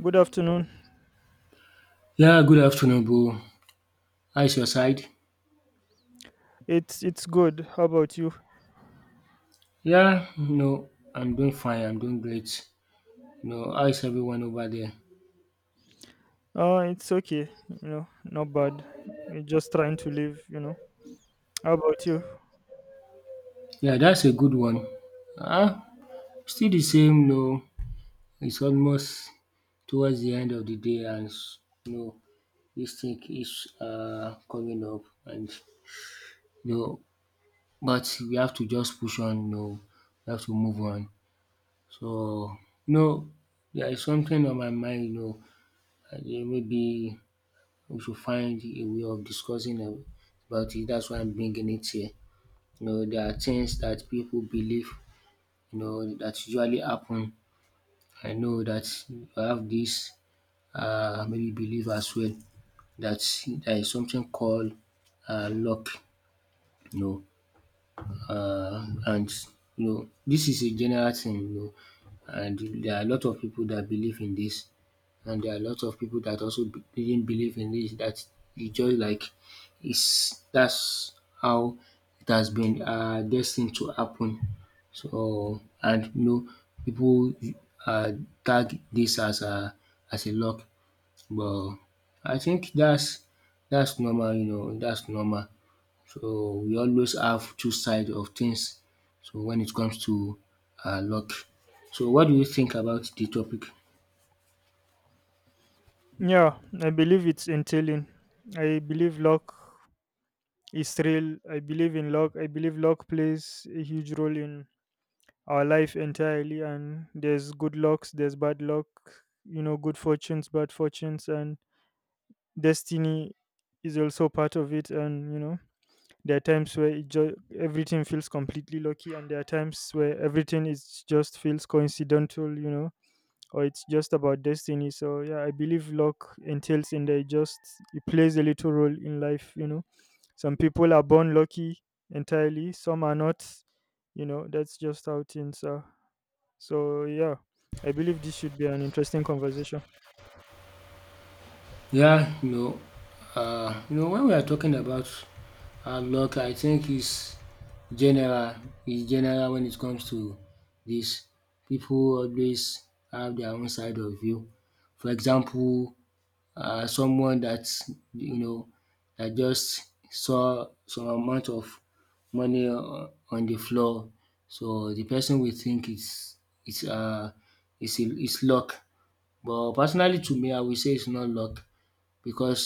Good afternoon. Yeah, good afternoon, bro. How is your side? It's good. How about you? Yeah, no, I'm doing fine. I'm doing great. No, how is everyone over there? It's okay. You know, not bad. We're just trying to live, you know. How about you? Yeah, that's a good one. Ah, still the same. No, it's almost towards the end of the day, and you know this thing is coming up, and you know, but we have to just push on. No, we have to move on. So, no, there is something on my mind. You know, maybe we should find a way of about it. That's why I'm bringing it here. You know, there are things that people believe, you know, that usually happen. I know that you have this maybe belief as well that there is something called luck, you know. And you know this is a general thing, you know, and there are a lot of people that believe in this, and there are a lot of people that also didn't believe in this, that it's just like it's that's how it has been destined to happen. So and you know people uh, tag this as a luck, but I think that's normal, you know, that's normal. So we always have two sides of things. So when it comes to luck. So what do you think about the topic? Yeah, I believe it's entailing. I believe luck is real. I believe in luck. I believe luck plays a huge role in our life entirely and there's good lucks, there's bad luck, you know, good fortunes, bad fortunes and destiny is also part of it. And you know there are times where everything feels completely lucky, and there are times where everything is just feels coincidental, you know, or it's just about destiny. So yeah, I believe luck entails in there. It just, it plays a little role in life, you know. Some people are born lucky entirely, some are not. You know, that's just how things are. So, yeah, I believe this should be an interesting conversation. Yeah, you know, when we are talking about luck, I think is general general when it comes to this, people always have their own side of view. For example, someone that, you know, that just saw some amount of money on the floor. So the person will think it's uh it's luck. But personally to me I will say it's not luck because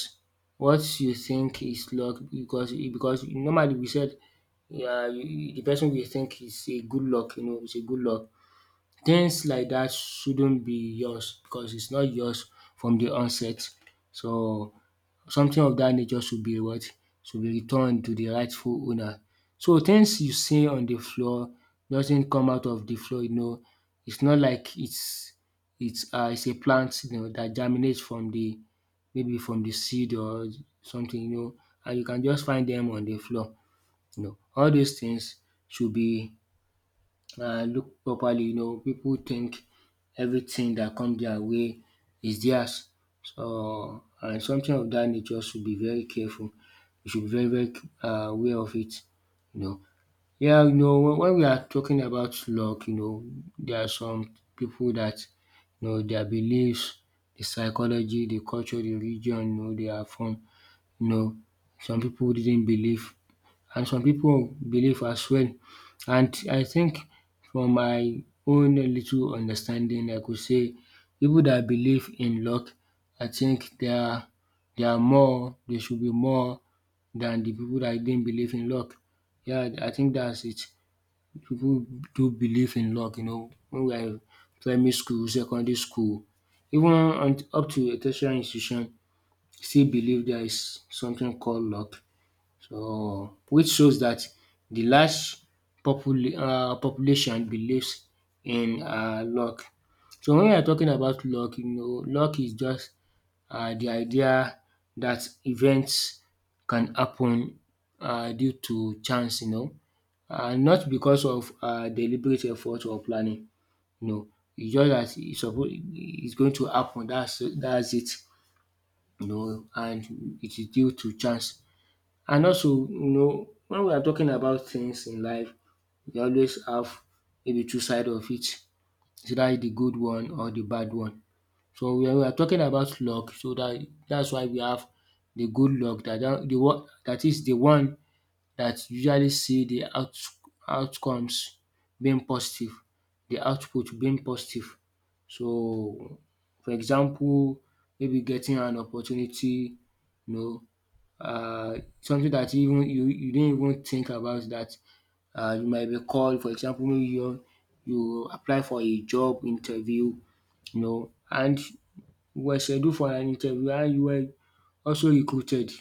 what you think is luck, because normally we said, yeah, the person will think it's a good luck, you know, it's a good luck. Things like that shouldn't be yours because it's not yours from the onset. So, something of that nature should be what? Should be returned to the rightful owner. So, things you see on the floor doesn't come out of the floor, you know. It's not like it's a plant, you know, that germinates from the maybe from the seed or something, you know, and you can just find them on the floor, you know. All these things should be, look properly, you know, people think everything that comes their way is theirs. So, and something of that nature should be very careful. You should be very, very aware of it, you know. Yeah, you know, when we are talking about luck, you know, there are some people that, you know, their beliefs, the psychology, the culture, the religion, you know, they are from, you know, some people didn't believe and some people believe as well. And I think from my own little understanding I could say people that believe in luck, I think they are, they are more they should be more than the people that didn't believe in luck. Yeah, I think that's it. People do believe in luck, you know, when we are in primary school, secondary school, even on, up to a tertiary institution, still believe there is something called luck. So, which shows that the large population believes in luck. So, when we are talking about luck, you know, luck is just the idea that events can happen due to chance, you know, not because of deliberate effort or planning, you know. It's just that e suppose it's going to happen, that's it, you know, and it is due to chance. And also, you know, when we are talking about things in life, we always have maybe two sides of it. It's either the good one or the bad one. So when we are talking about luck, so that's why we have the good luck, that the one that usually see the outcomes being positive, the output being positive. So for example, maybe getting an opportunity, you know, something that even you didn't even think about, that you might be called. For example, maybe you apply for a job interview, you know, and you were scheduled for an interview and you were also recruited.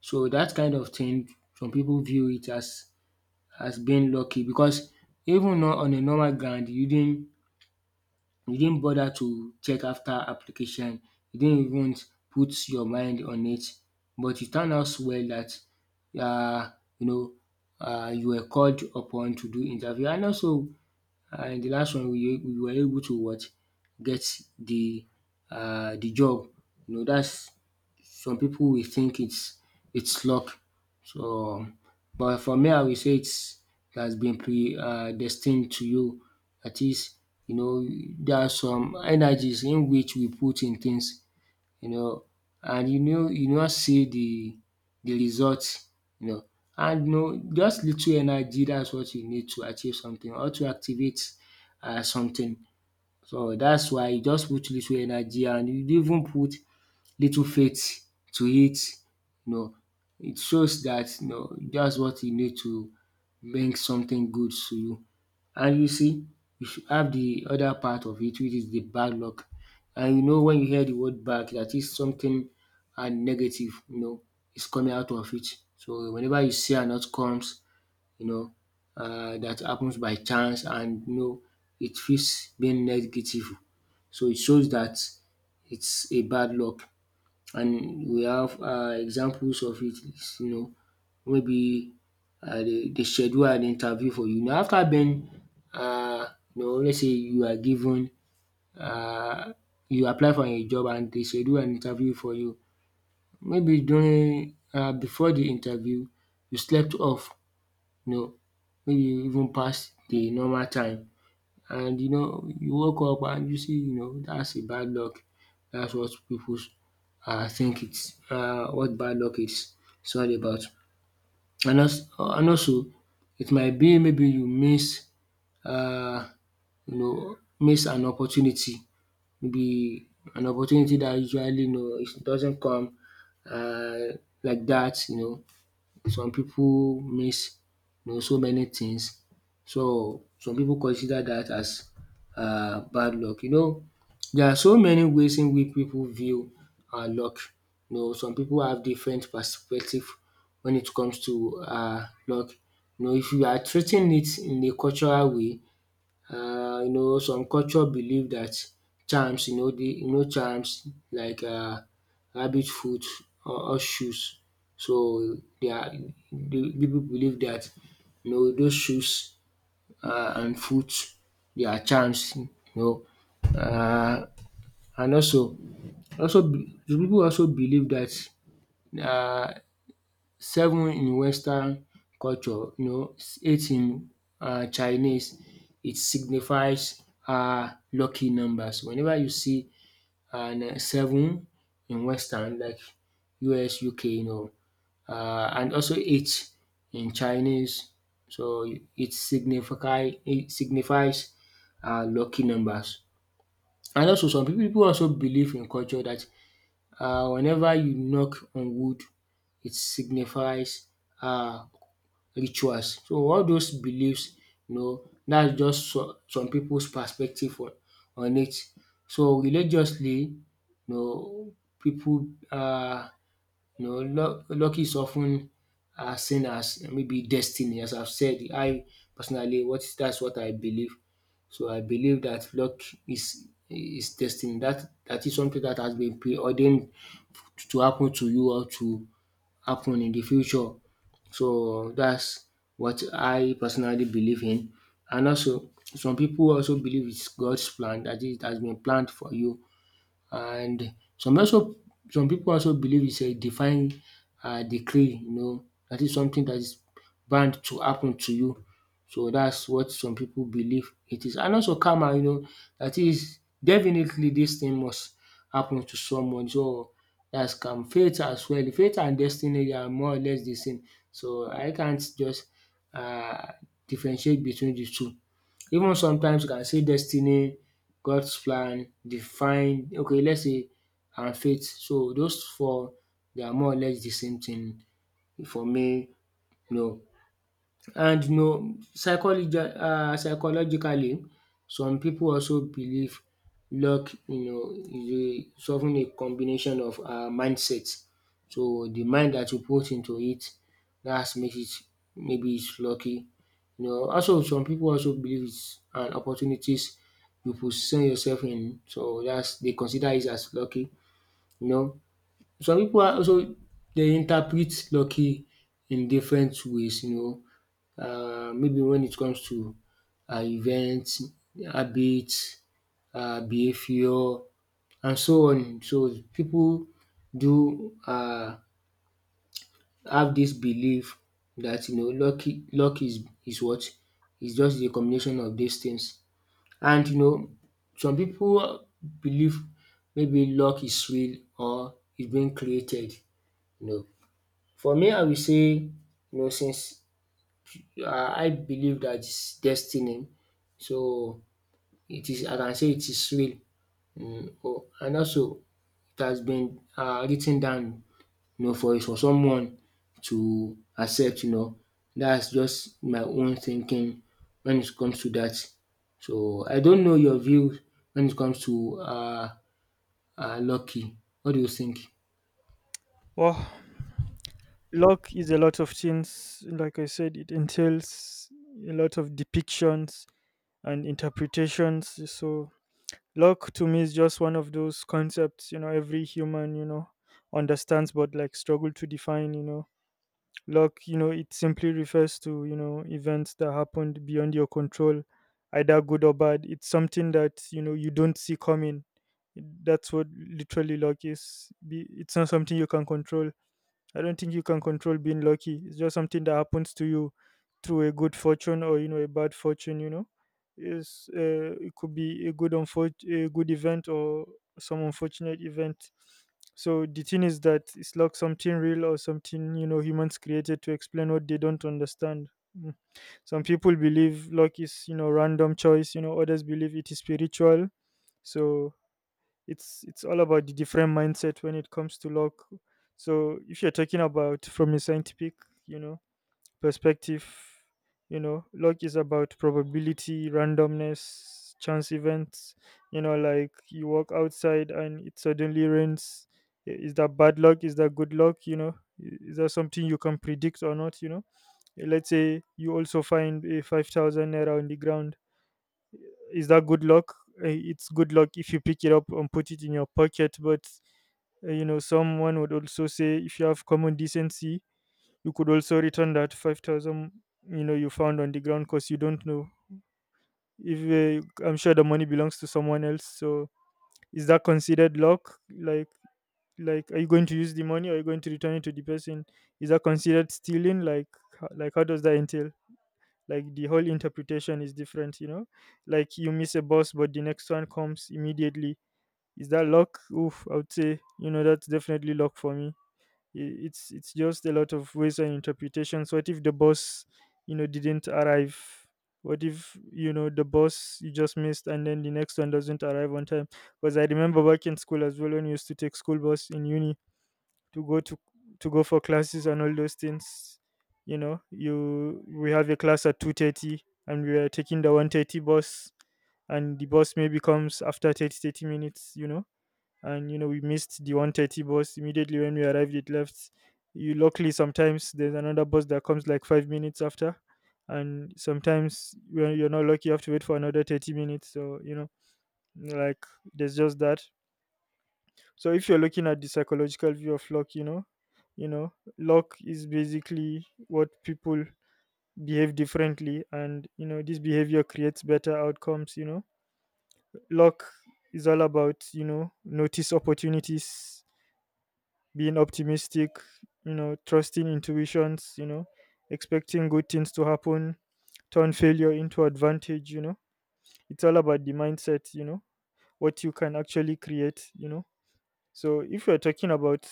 So that kind of thing, some people view it as being lucky, because even on a normal ground, you didn't, you didn't bother to check after application, you didn't even put your mind on it, but it turned out well that, um you know you were called upon to do interview. And also in the last one we were able to what? Get the the job. You know that's. Some people will think it's luck. So, but for me, I will say it's, it has been predestined to you. Dat is, you know, there are some energies in which we put in things, you know, and you know you no see the results, you know. And you know, just little energy, that's what you need to achieve something or to activate something. So that's why you just put little energy and you even put little faith to it, you know, it shows that you know dats what you need to bring something good to you. And you see you should have the other part of it, which is the bad luck. And you know when you hear the word bad, that is something and negative, you know, is coming out of it. So whenever you see an outcomes, you know, dat happens by chance and you know it feels being negative. So it shows that it's a bad luck. And we have examples of it. It's, you know, maybe dey schedule an interview for you. Now after den, um let's say you are given, um you apply for a job and dey schedule an interview for you. Maybe during before de interview you slept off, you know, maybe you even pass de normal time, and you know you woke up and you see, you know, that's a bad luck. That's what people think it's what bad luck is, all about. And also it might be maybe you miss, um you know, miss an opportunity, maybe an opportunity that usually, you know, it doesn't come um like that, you know, some people miss, you know, so many things. So some people consider that as bad luck. You know there are so many ways in which people view luck. You know some people have different perspective when it comes to luck. You know if you are treating it in a cultural way, you know some culture believe that charms, you know, charms like rabbit foot or shoes. So dia de people believe that, you know, those shoes and foot, they are charms, you know, um and also, also the people also believe that. um Seven in western culture, you know, eight in Chinese. It signifies lucky numbers. Whenever you see an seven in western like US, UK, you know, and also eight in Chinese. So it significai it signifies lucky numbers. And also some people also believe in culture that whenever you knock on wood, it signifies um rituals. So all those beliefs, you know, that's just so some people's perspective on it. So religiously, you know, people luck, is often, ten seen as maybe destiny, as I've said. I personally, what, that's what I believe. So I believe that luck is, destiny. That is something that has been preordained to happen to you or to happen in the future. So that's what I personally believe in. And also some people also believe it's God's plan, that it has been planned for you. And some also, some people also believe it's a divine decree, you know, that is something that is bound to happen to you. So that's what some people believe it is. And also karma, you know, that is definitely, this thing must happen to someone, so that's come. Fate as well, fate and destiny, they are more or less the same, so I can't just um differentiate between the two. Even sometimes you can say destiny, God's plan, define, okay, let's say, and faith. So, those four, they are more or less de same thing for me. No, and you know psychology, psychologically, some people also believe luck, you know, is a of ten a combination of mindset. So the mind that you put into it, that makes it maybe it's lucky. You know, also some people also believe is an opportunities you position yourself in, so dats they consider it as lucky you know. Some pipu also they interpret lucky in different ways you know. Maybe when it comes to events, habits, behavior and so on. So people do have this belief that you know luck is what? Is just the combination of these things, and you know some people believe maybe luck is real or it's being created you know. For me, I will say you know since I believe that is destiny. So it is, I can say it is real. Mm, oh, and also it has been written down you know, for someone to accept, you know. That's just my own thinking when it comes to that. So I don't know your view when it comes to lucky. What do you think? Well, luck is a lot of things. Like I said, it entails a lot of depictions and interpretations. So, luck to me is just one of those concepts, you know, every human, you know, understands but like struggle to define, you know. Luck, you know, it simply refers to, you know, events that happened beyond your control, either good or bad. It's something that, you know, you don't see coming. That's what literally luck is. It's not something you can control. I don't think you can control being lucky. It's just something that happens to you through a good fortune or you know a bad fortune. You know, is it could be a a good event or some unfortunate event. So the thing is that it's like something real or something you know humans created to explain what they don't understand. Mm. Some people believe luck is you know random choice. You know others believe it is spiritual. So it's all about the different mindset when it comes to luck. So if you're talking about from a scientific, you know, perspective, you know, luck is about probability, randomness, chance events, you know, like you walk outside and it suddenly rains. Is that bad luck, is that good luck, you know? Is that something you can predict or not, you know? Let's say you also find a 5000 naira on the ground, is that good luck? It's good luck if you pick it up and put it in your pocket. But you know, someone would also say if you have common decency, you could also return that 5,000. You know, you found on the ground because you don't know if I'm sure the money belongs to someone else. So is that considered luck? Like, are you going to use the money? Or are you going to return it to the person? Is that considered stealing? Like, like, how does that entail? Like the whole interpretation is different, you know, like you miss a bus but the next one comes immediately, is that luck? Oof, I would say, you know, that's definitely luck for me. It's just a lot of ways and interpretations. What if the bus, you know, didn't arrive? What if, you know, the bus you just missed and then the next one doesn't arrive on time? Because I remember back in school as well, when we used to take school bus in uni to go to to go for classes and all those things, you know, you we have a class at 2:30 and we are taking the 1:30 bus, and the bus maybe comes after thirty minutes, you know. And you know we missed the 1:30 bus, immediately when we arrived it left. You luckily sometimes there's another bus that comes like 5 minutes after, and sometimes when you're not lucky you have to wait for another 30 minutes, so you know, like, there's just that. So if you're looking at the psychological view of luck, you know, luck is basically what people behave differently, and you know this behavior creates better outcomes, you know. Luck is all about, you know, notice opportunities, being optimistic, you know, trusting intuitions, you know, expecting good things to happen, turn failure into advantage, you know. It's all about the mindset, you know, what you can actually create, you know. So if you're talking about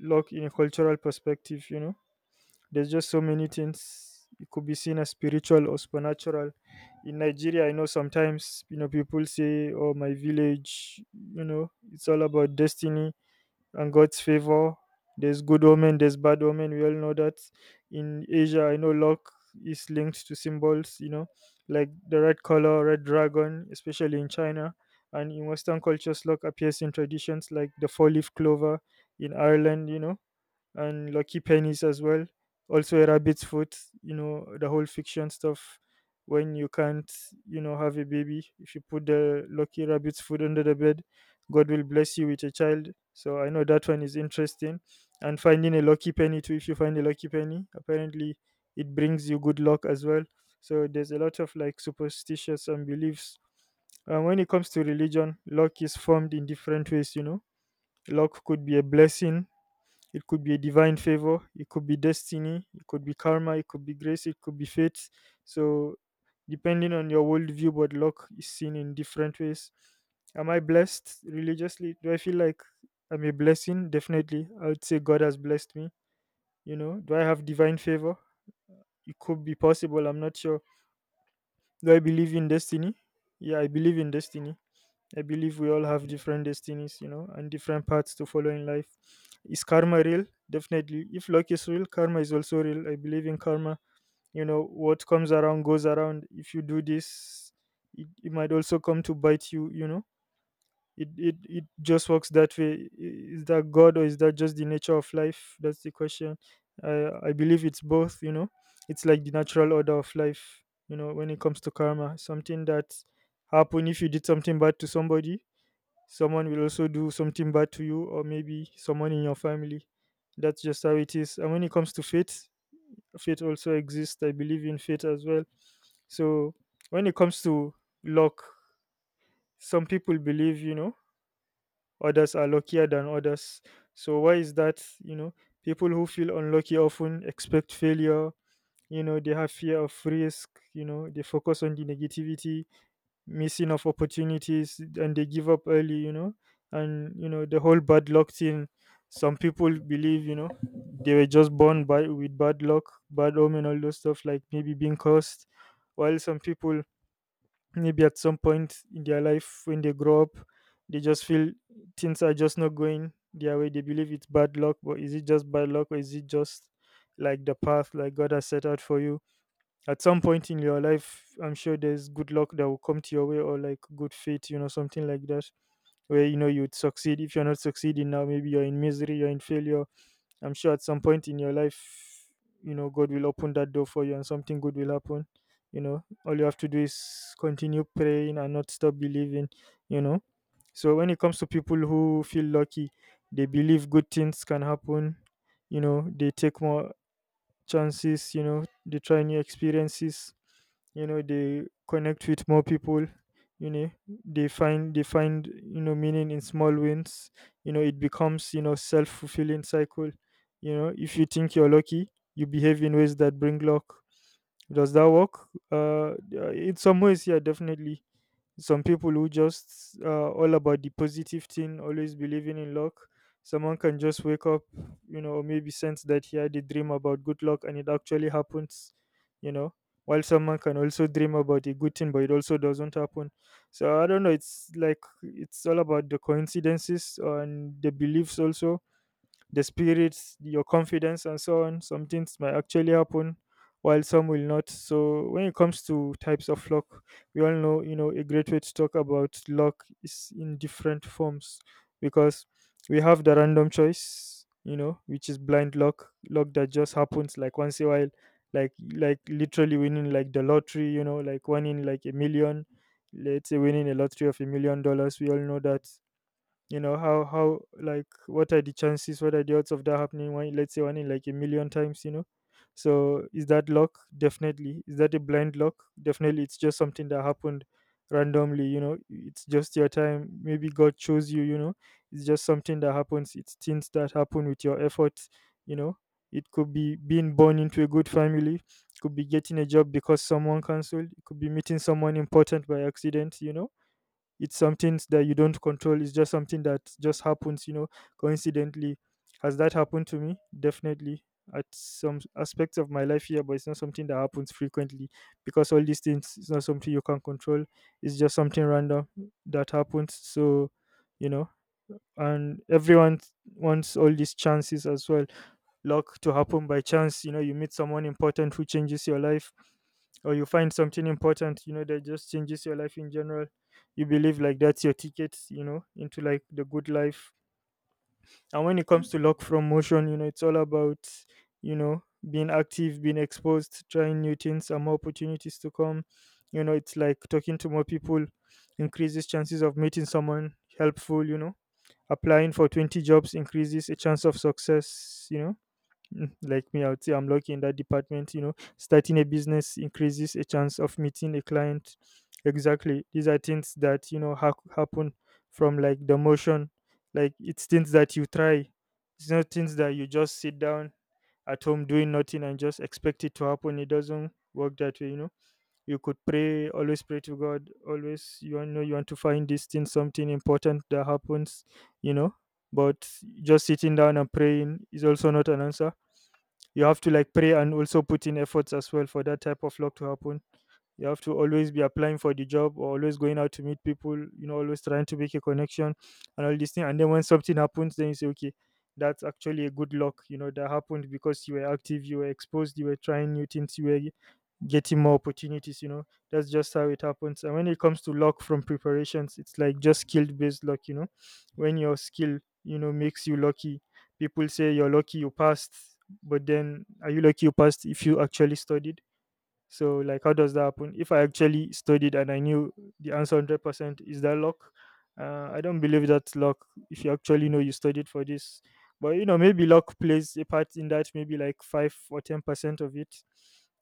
luck in a cultural perspective, you know, there's just so many things. It could be seen as spiritual or supernatural. In Nigeria, I know sometimes, you know, people say, "Oh, my village," you know, it's all about destiny and God's favor. There's good omen, there's bad omen. We all know that. In Asia, I know luck is linked to symbols, you know, like the red color, red dragon, especially in China. And in Western cultures, luck appears in traditions like the four leaf clover in Ireland, you know, and Lucky Pennies as well. Also, a rabbit's foot, you know, the whole fiction stuff when you can't, you know, have a baby. If you put the lucky rabbit's foot under the bed, God will bless you with a child. So, I know that one is interesting. And finding a lucky penny too, if you find a lucky penny, apparently it brings you good luck as well. So, there's a lot of like superstitious and beliefs. And when it comes to religion, luck is formed in different ways, you know. Luck could be a blessing, it could be a divine favor, it could be destiny, it could be karma, it could be grace, it could be fate. So, depending on your worldview, but luck is seen in different ways. Am I blessed religiously? Do I feel like I'm a blessing? Definitely. I would say God has blessed me. You know, do I have divine favor? It could be possible. I'm not sure. Do I believe in destiny? Yeah, I believe in destiny. I believe we all have different destinies, you know, and different paths to follow in life. Is karma real? Definitely. If luck is real, karma is also real. I believe in karma. You know, what comes around goes around. If you do this, it might also come to bite you, you know. It just works that way. Is that God or is that just the nature of life? That's the question. I believe it's both, you know. It's like the natural order of life, you know, when it comes to karma. Something that happened, if you did something bad to somebody, someone will also do something bad to you, or maybe someone in your family. That's just how it is. And when it comes to faith, faith also exists, I believe in faith as well. So when it comes to luck, some people believe, you know, others are luckier than others. So why is that, you know? People who feel unlucky often expect failure, you know, they have fear of risk, you know, they focus on the negativity, missing of opportunities, and they give up early, you know, and you know the whole bad luck thing. Some people believe, you know, they were just born by with bad luck, bad omen, all those stuff like maybe being cursed. While some people, maybe at some point in their life when they grow up, they just feel things are just not going their way. They believe it's bad luck, but is it just bad luck or is it just like the path like God has set out for you? At some point in your life, I'm sure there's good luck that will come to your way, or like good fate, you know, something like that where, you know, you'd succeed. If you're not succeeding now, maybe you're in misery, you're in failure, I'm sure at some point in your life, you know, God will open that door for you and something good will happen. You know, all you have to do is continue praying and not stop believing, you know. So when it comes to people who feel lucky, they believe good things can happen, you know, they take more chances, you know, they try new experiences, you know, they connect with more people, you know, they find, you know, meaning in small wins. You know, it becomes, you know, self fulfilling cycle. You know, if you think you're lucky, you behave in ways that bring luck. Does that work? Yeah, in some ways, yeah, definitely. Some people who just all about the positive thing, always believing in luck. Someone can just wake up, you know, or maybe sense that he had a dream about good luck and it actually happens, you know. While someone can also dream about a good thing, but it also doesn't happen. So I don't know. It's like it's all about the coincidences and the beliefs also, the spirits, your confidence, and so on. Some things might actually happen, while some will not. So when it comes to types of luck, we all know a great way to talk about luck is in different forms because we have the random choice, you know, which is blind luck, luck that just happens like once in a while, like literally winning like the lottery, you know, like winning like a million. Let's say winning a lottery of $1 million, we all know that, you know, how like what are the chances, what are the odds of that happening? One, let's say one in like a million times, you know. So is that luck? Definitely. Is that a blind luck? Definitely. It's just something that happened randomly, you know. It's just your time, maybe god chose you, you know. It's just something that happens. It's things that happen with your efforts, you know. It could be being born into a good family, it could be getting a job because someone cancelled, it could be meeting someone important by accident, you know. It's something that you don't control, it's just something that just happens, you know, coincidentally. Has that happened to me? Definitely, at some aspects of my life here, but it's not something that happens frequently because all these things is not something you can control. It's just something random that happens. So, you know, and everyone wants all these chances as well, luck to happen by chance, you know. You meet someone important who changes your life, or you find something important, you know, that just changes your life in general. You believe like that's your ticket, you know, into like the good life. And when it comes to luck from motion, you know, it's all about, you know being active, being exposed, trying new things, and more opportunities to come, you know. It's like talking to more people increases chances of meeting someone helpful, you know. Applying for 20 jobs increases a chance of success, you know. Like me, I would say I'm lucky in that department. You know, starting a business increases a chance of meeting a client. Exactly. These are things that, you know, happen from like the motion. Like it's things that you try. It's not things that you just sit down at home doing nothing and just expect it to happen. It doesn't work that way, you know. You could pray, always pray to God, always you know you want to find this thing, something important that happens, you know. But just sitting down and praying is also not an answer. You have to like pray and also put in efforts as well for that type of luck to happen. You have to always be applying for the job or always going out to meet people, you know, always trying to make a connection and all this thing. And then when something happens, then you say okay, that's actually a good luck, you know, that happened because you were active, you were exposed, you were trying new things, you were getting more opportunities, you know. That's just how it happens. And when it comes to luck from preparations, it's like just skill based luck, you know. When your skill, you know, makes you lucky, people say you're lucky you passed. But then are you lucky you passed if you actually studied? So like how does that happen? If I actually studied and I knew the answer 100%, is that luck? I don't believe that's luck. If you actually know you studied for this, but you know maybe luck plays a part in that. Maybe like 5 or 10% of it.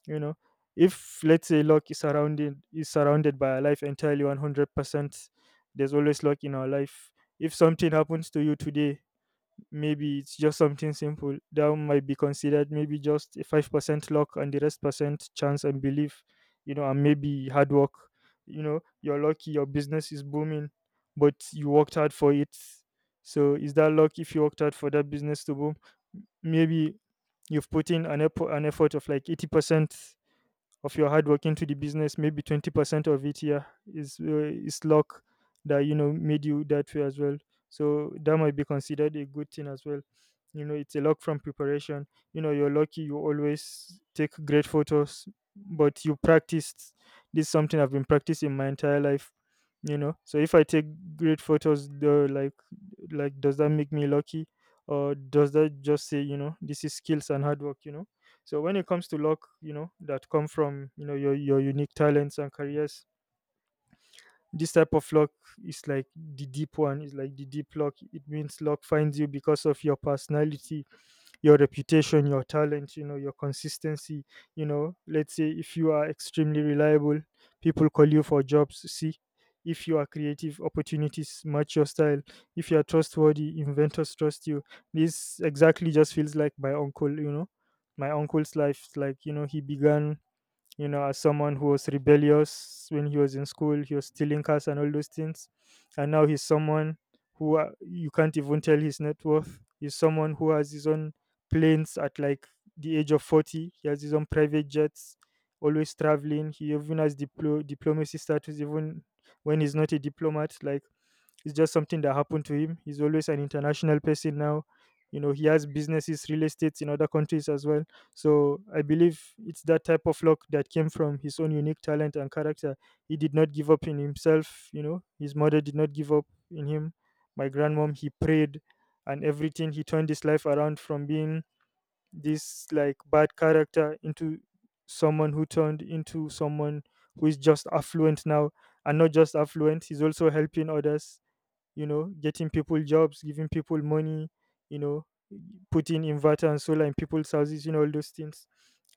You know, if let's say luck is surrounded by our life entirely 100%, there's always luck in our life. If something happens to you today, maybe it's just something simple that might be considered maybe just a 5% luck and the rest percent chance and belief, you know, and maybe hard work. You know, you're lucky your business is booming, but you worked hard for it. So is that luck if you worked hard for that business to boom? Maybe you've put in an effort of like 80% of your hard work into the business, maybe 20% of it, yeah, is luck that, you know, made you that way as well. So that might be considered a good thing as well, you know. It's a luck from preparation. You know, you're lucky you always take great photos, but you practiced. This is something I've been practicing my entire life, you know. So if I take great photos though, like does that make me lucky, or does that just say, you know, this is skills and hard work, you know. So when it comes to luck, you know, that come from, you know, your unique talents and careers, this type of luck is like the deep one. It's like the deep luck. It means luck finds you because of your personality, your reputation, your talent, you know, your consistency. You know, let's say if you are extremely reliable, people call you for jobs. See, if you are creative, opportunities match your style. If you are trustworthy, inventors trust you. This exactly just feels like my uncle, you know. My uncle's life, like, you know, he began, you know, as someone who was rebellious when he was in school, he was stealing cars and all those things. And now he's someone who, you can't even tell his net worth. He's someone who has his own planes at like the age of 40. He has his own private jets, always traveling. He even has diplomacy status, even when he's not a diplomat. Like, it's just something that happened to him. He's always an international person now. You know, he has businesses, real estates in other countries as well. So I believe it's that type of luck that came from his own unique talent and character. He did not give up in himself. You know, his mother did not give up in him. My grandmom, he prayed and everything. He turned his life around from being this like bad character into someone who turned into someone who is just affluent now. And not just affluent, he's also helping others, you know, getting people jobs, giving people money, you know, putting inverter and solar in people's houses, you know, all those things.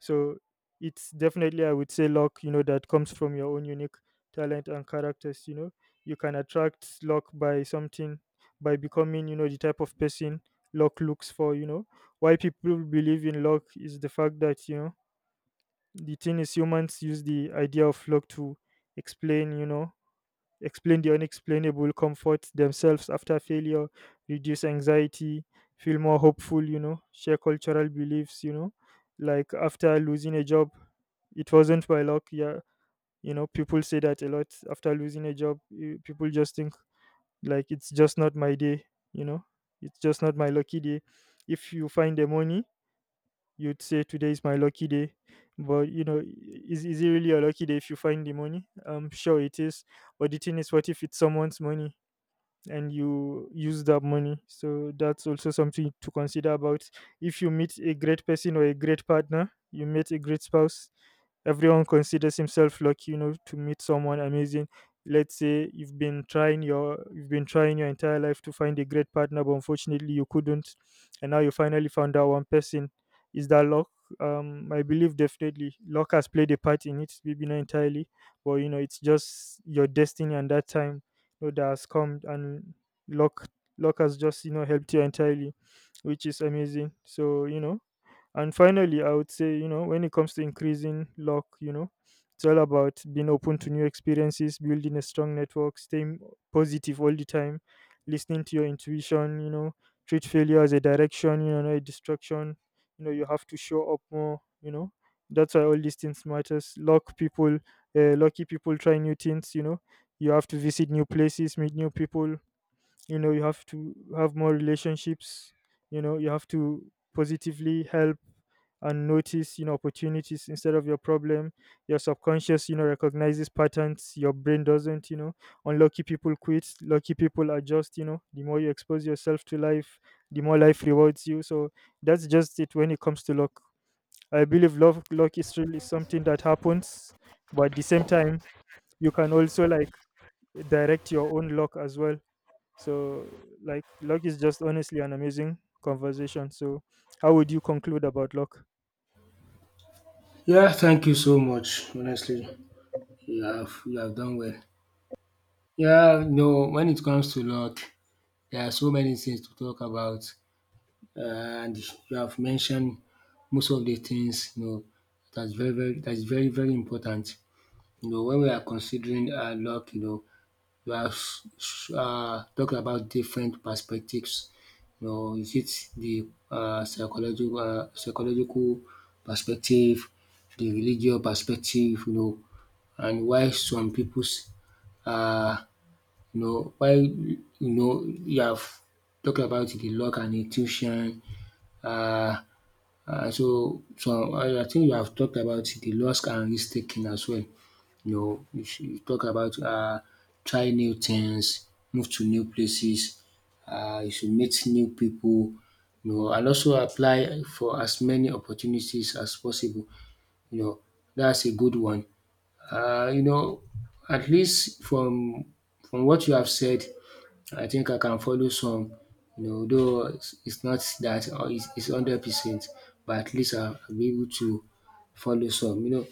So it's definitely, I would say, luck, you know, that comes from your own unique talent and characters, you know. You can attract luck by something, by becoming, you know, the type of person luck looks for, you know. Why people believe in luck is the fact that, you know, the thing is humans use the idea of luck to explain, you know, explain the unexplainable, comfort themselves after failure, reduce anxiety, feel more hopeful, you know, share cultural beliefs, you know, like after losing a job, it wasn't by luck. Yeah. You know, people say that a lot after losing a job. People just think like it's just not my day, you know, it's just not my lucky day. If you find the money, you'd say today is my lucky day, but you know, is it really a lucky day if you find the money? Sure it is, but the thing is what if it's someone's money and you use that money? So that's also something to consider about. If you meet a great person or a great partner, you meet a great spouse, everyone considers himself lucky, you know, to meet someone amazing. Let's say you've been trying your entire life to find a great partner but unfortunately you couldn't, and now you finally found out one person. Is that luck? I believe definitely luck has played a part in it, maybe not entirely, but you know it's just your destiny and that time, you know, that has come and luck, luck has just, you know, helped you entirely, which is amazing. So, you know, and finally, I would say, you know, when it comes to increasing luck, you know, it's all about being open to new experiences, building a strong network, staying positive all the time, listening to your intuition, you know, treat failure as a direction, you know, not a distraction. You know, you have to show up more, you know. That's why all these things matters. Luck people, lucky people try new things, you know. You have to visit new places, meet new people, you know, you have to have more relationships, you know, you have to positively help and notice, you know, opportunities instead of your problem. Your subconscious, you know, recognizes patterns, your brain doesn't, you know. Unlucky people quit, lucky people adjust. You know, the more you expose yourself to life, the more life rewards you. So that's just it when it comes to luck. I believe love luck is really something that happens, but at the same time you can also like direct your own luck as well. So, like, luck is just honestly an amazing conversation. So, how would you conclude about luck? Yeah, thank you so much. Honestly, you have done well. Yeah, no, when it comes to luck, there are so many things to talk about, uh, and you have mentioned most of the things you know. That's very very important. You know, when we are considering luck you know, we have talked about different perspectives. You know, is it the psychological perspective, the religious perspective you know, and why some peoples, um you know, while you know you have talked about the luck and intuition, uh, so I think you have talked about the luck and risk taking as well. You know, you talk about try new things, move to new places, you should meet new people, you know, and also apply for as many opportunities as possible. You know, that's a good one. You know, at least from what you have said, I think I can follow some, you know, though it's not that it's 100%, but at least I'll be able to follow some, you know.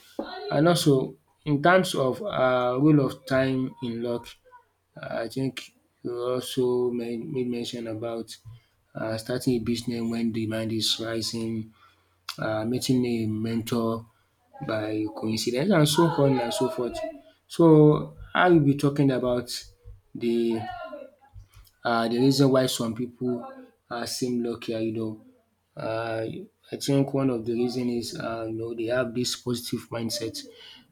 And also, in terms of role of time in luck, I think you also made mention about starting a business when demand is rising, meeting a mentor by coincidence, and so on and so forth. So, I will be talking about the the reason why some people seem luckier, you know. Uh, I think one of the reason is, you know, they have this positive mindset.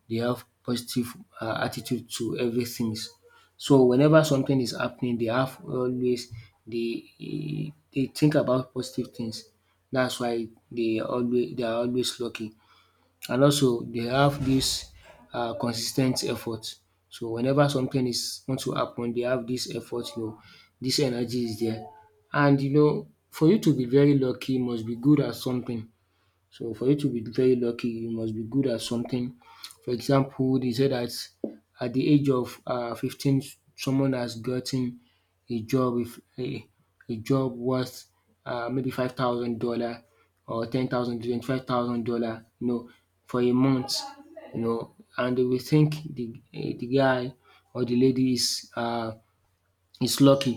They have positive attitude to everything. So whenever something is happening, they have always they they think about positive things. That's why they are always lucky. And also they have this consis effort. So whenever something is want to happen, they have this effort you know, this energy is there. And you know, for you to be very lucky, you must be good at something. So for you to be very lucky, you must be good at something. For example, they say that at the age of 15, someone has gotten a job with a job worth maybe $5,000 or 10,000, $25,000 you know for a month, you know. And they will think the guy or the lady is lucky,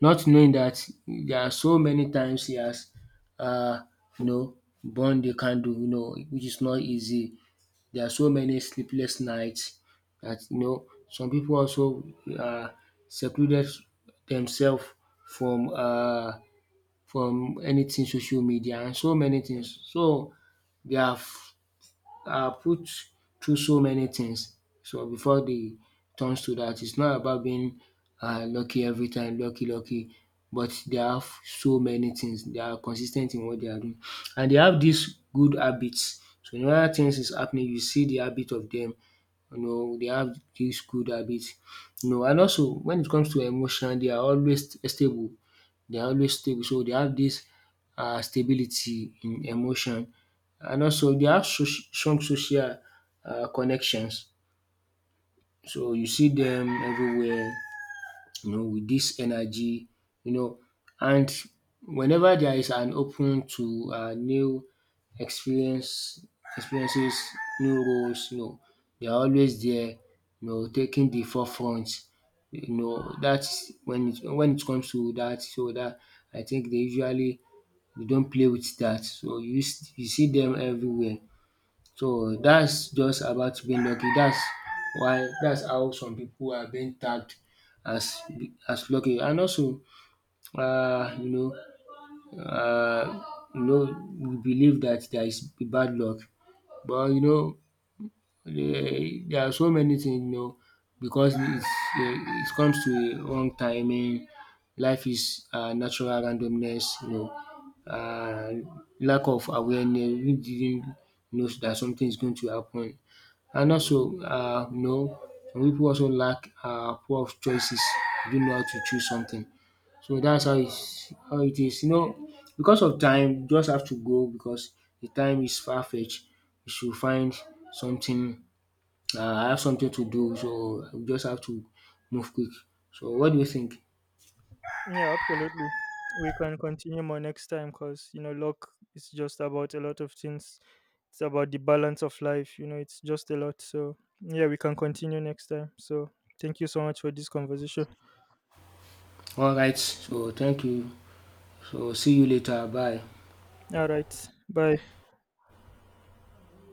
not knowing that there are so many times he has, uh, you know, burned the candle you know, which is not easy. There are so many sleepless nights that you know some people also uh secluded themselves from uh from anything, social media and so many things. So they have are put through so many things so before they turns to that. It's not about being lucky every time, lucky, lucky, but they have so many things. They are consistent in what they are doing, and they have these good habits. So whenever things is happening, you see the habit of them. You know, they have these good habits. You know, and also when it comes to emotion, they are always stable. They are always stable. So they have this stability in emotion. And also they have soci strong social connections. So you see them everywhere, you know, with this energy you know. And whenever there is an open to new experience experiences, new roles, you know, they are always there, you know, taking the forefront. You know, that's when it comes to that. So that, I think, they usually they don't play with that. So you see them everywhere. So that's just about being lucky. That's how some people are being tagged as as lucky. And also, uh, you know, uh, you know, we believe that there is bad luck, but you know, there are so many things. You know, because it's, it comes to a wrong timing. Life is natural randomness. You know, uh, lack of awareness. We didn't know that something is going to happen. And also, you know, some pipu also lack poor of choices. They don't know how to choose something. So that's how is how it is. You know, because of time, you just have to go because the time is far fetched. You should find something. I have something to do, so we just have to move quick. So what do you think? Yeah, absolutely. We can continue more next time because, you know, luck is just about a lot of things. It's about the balance of life. You know, it's just a lot. So, yeah, we can continue next time. So, thank you so much for this conversation. Alright, so thank you. So see you later. Bye. All right. Bye.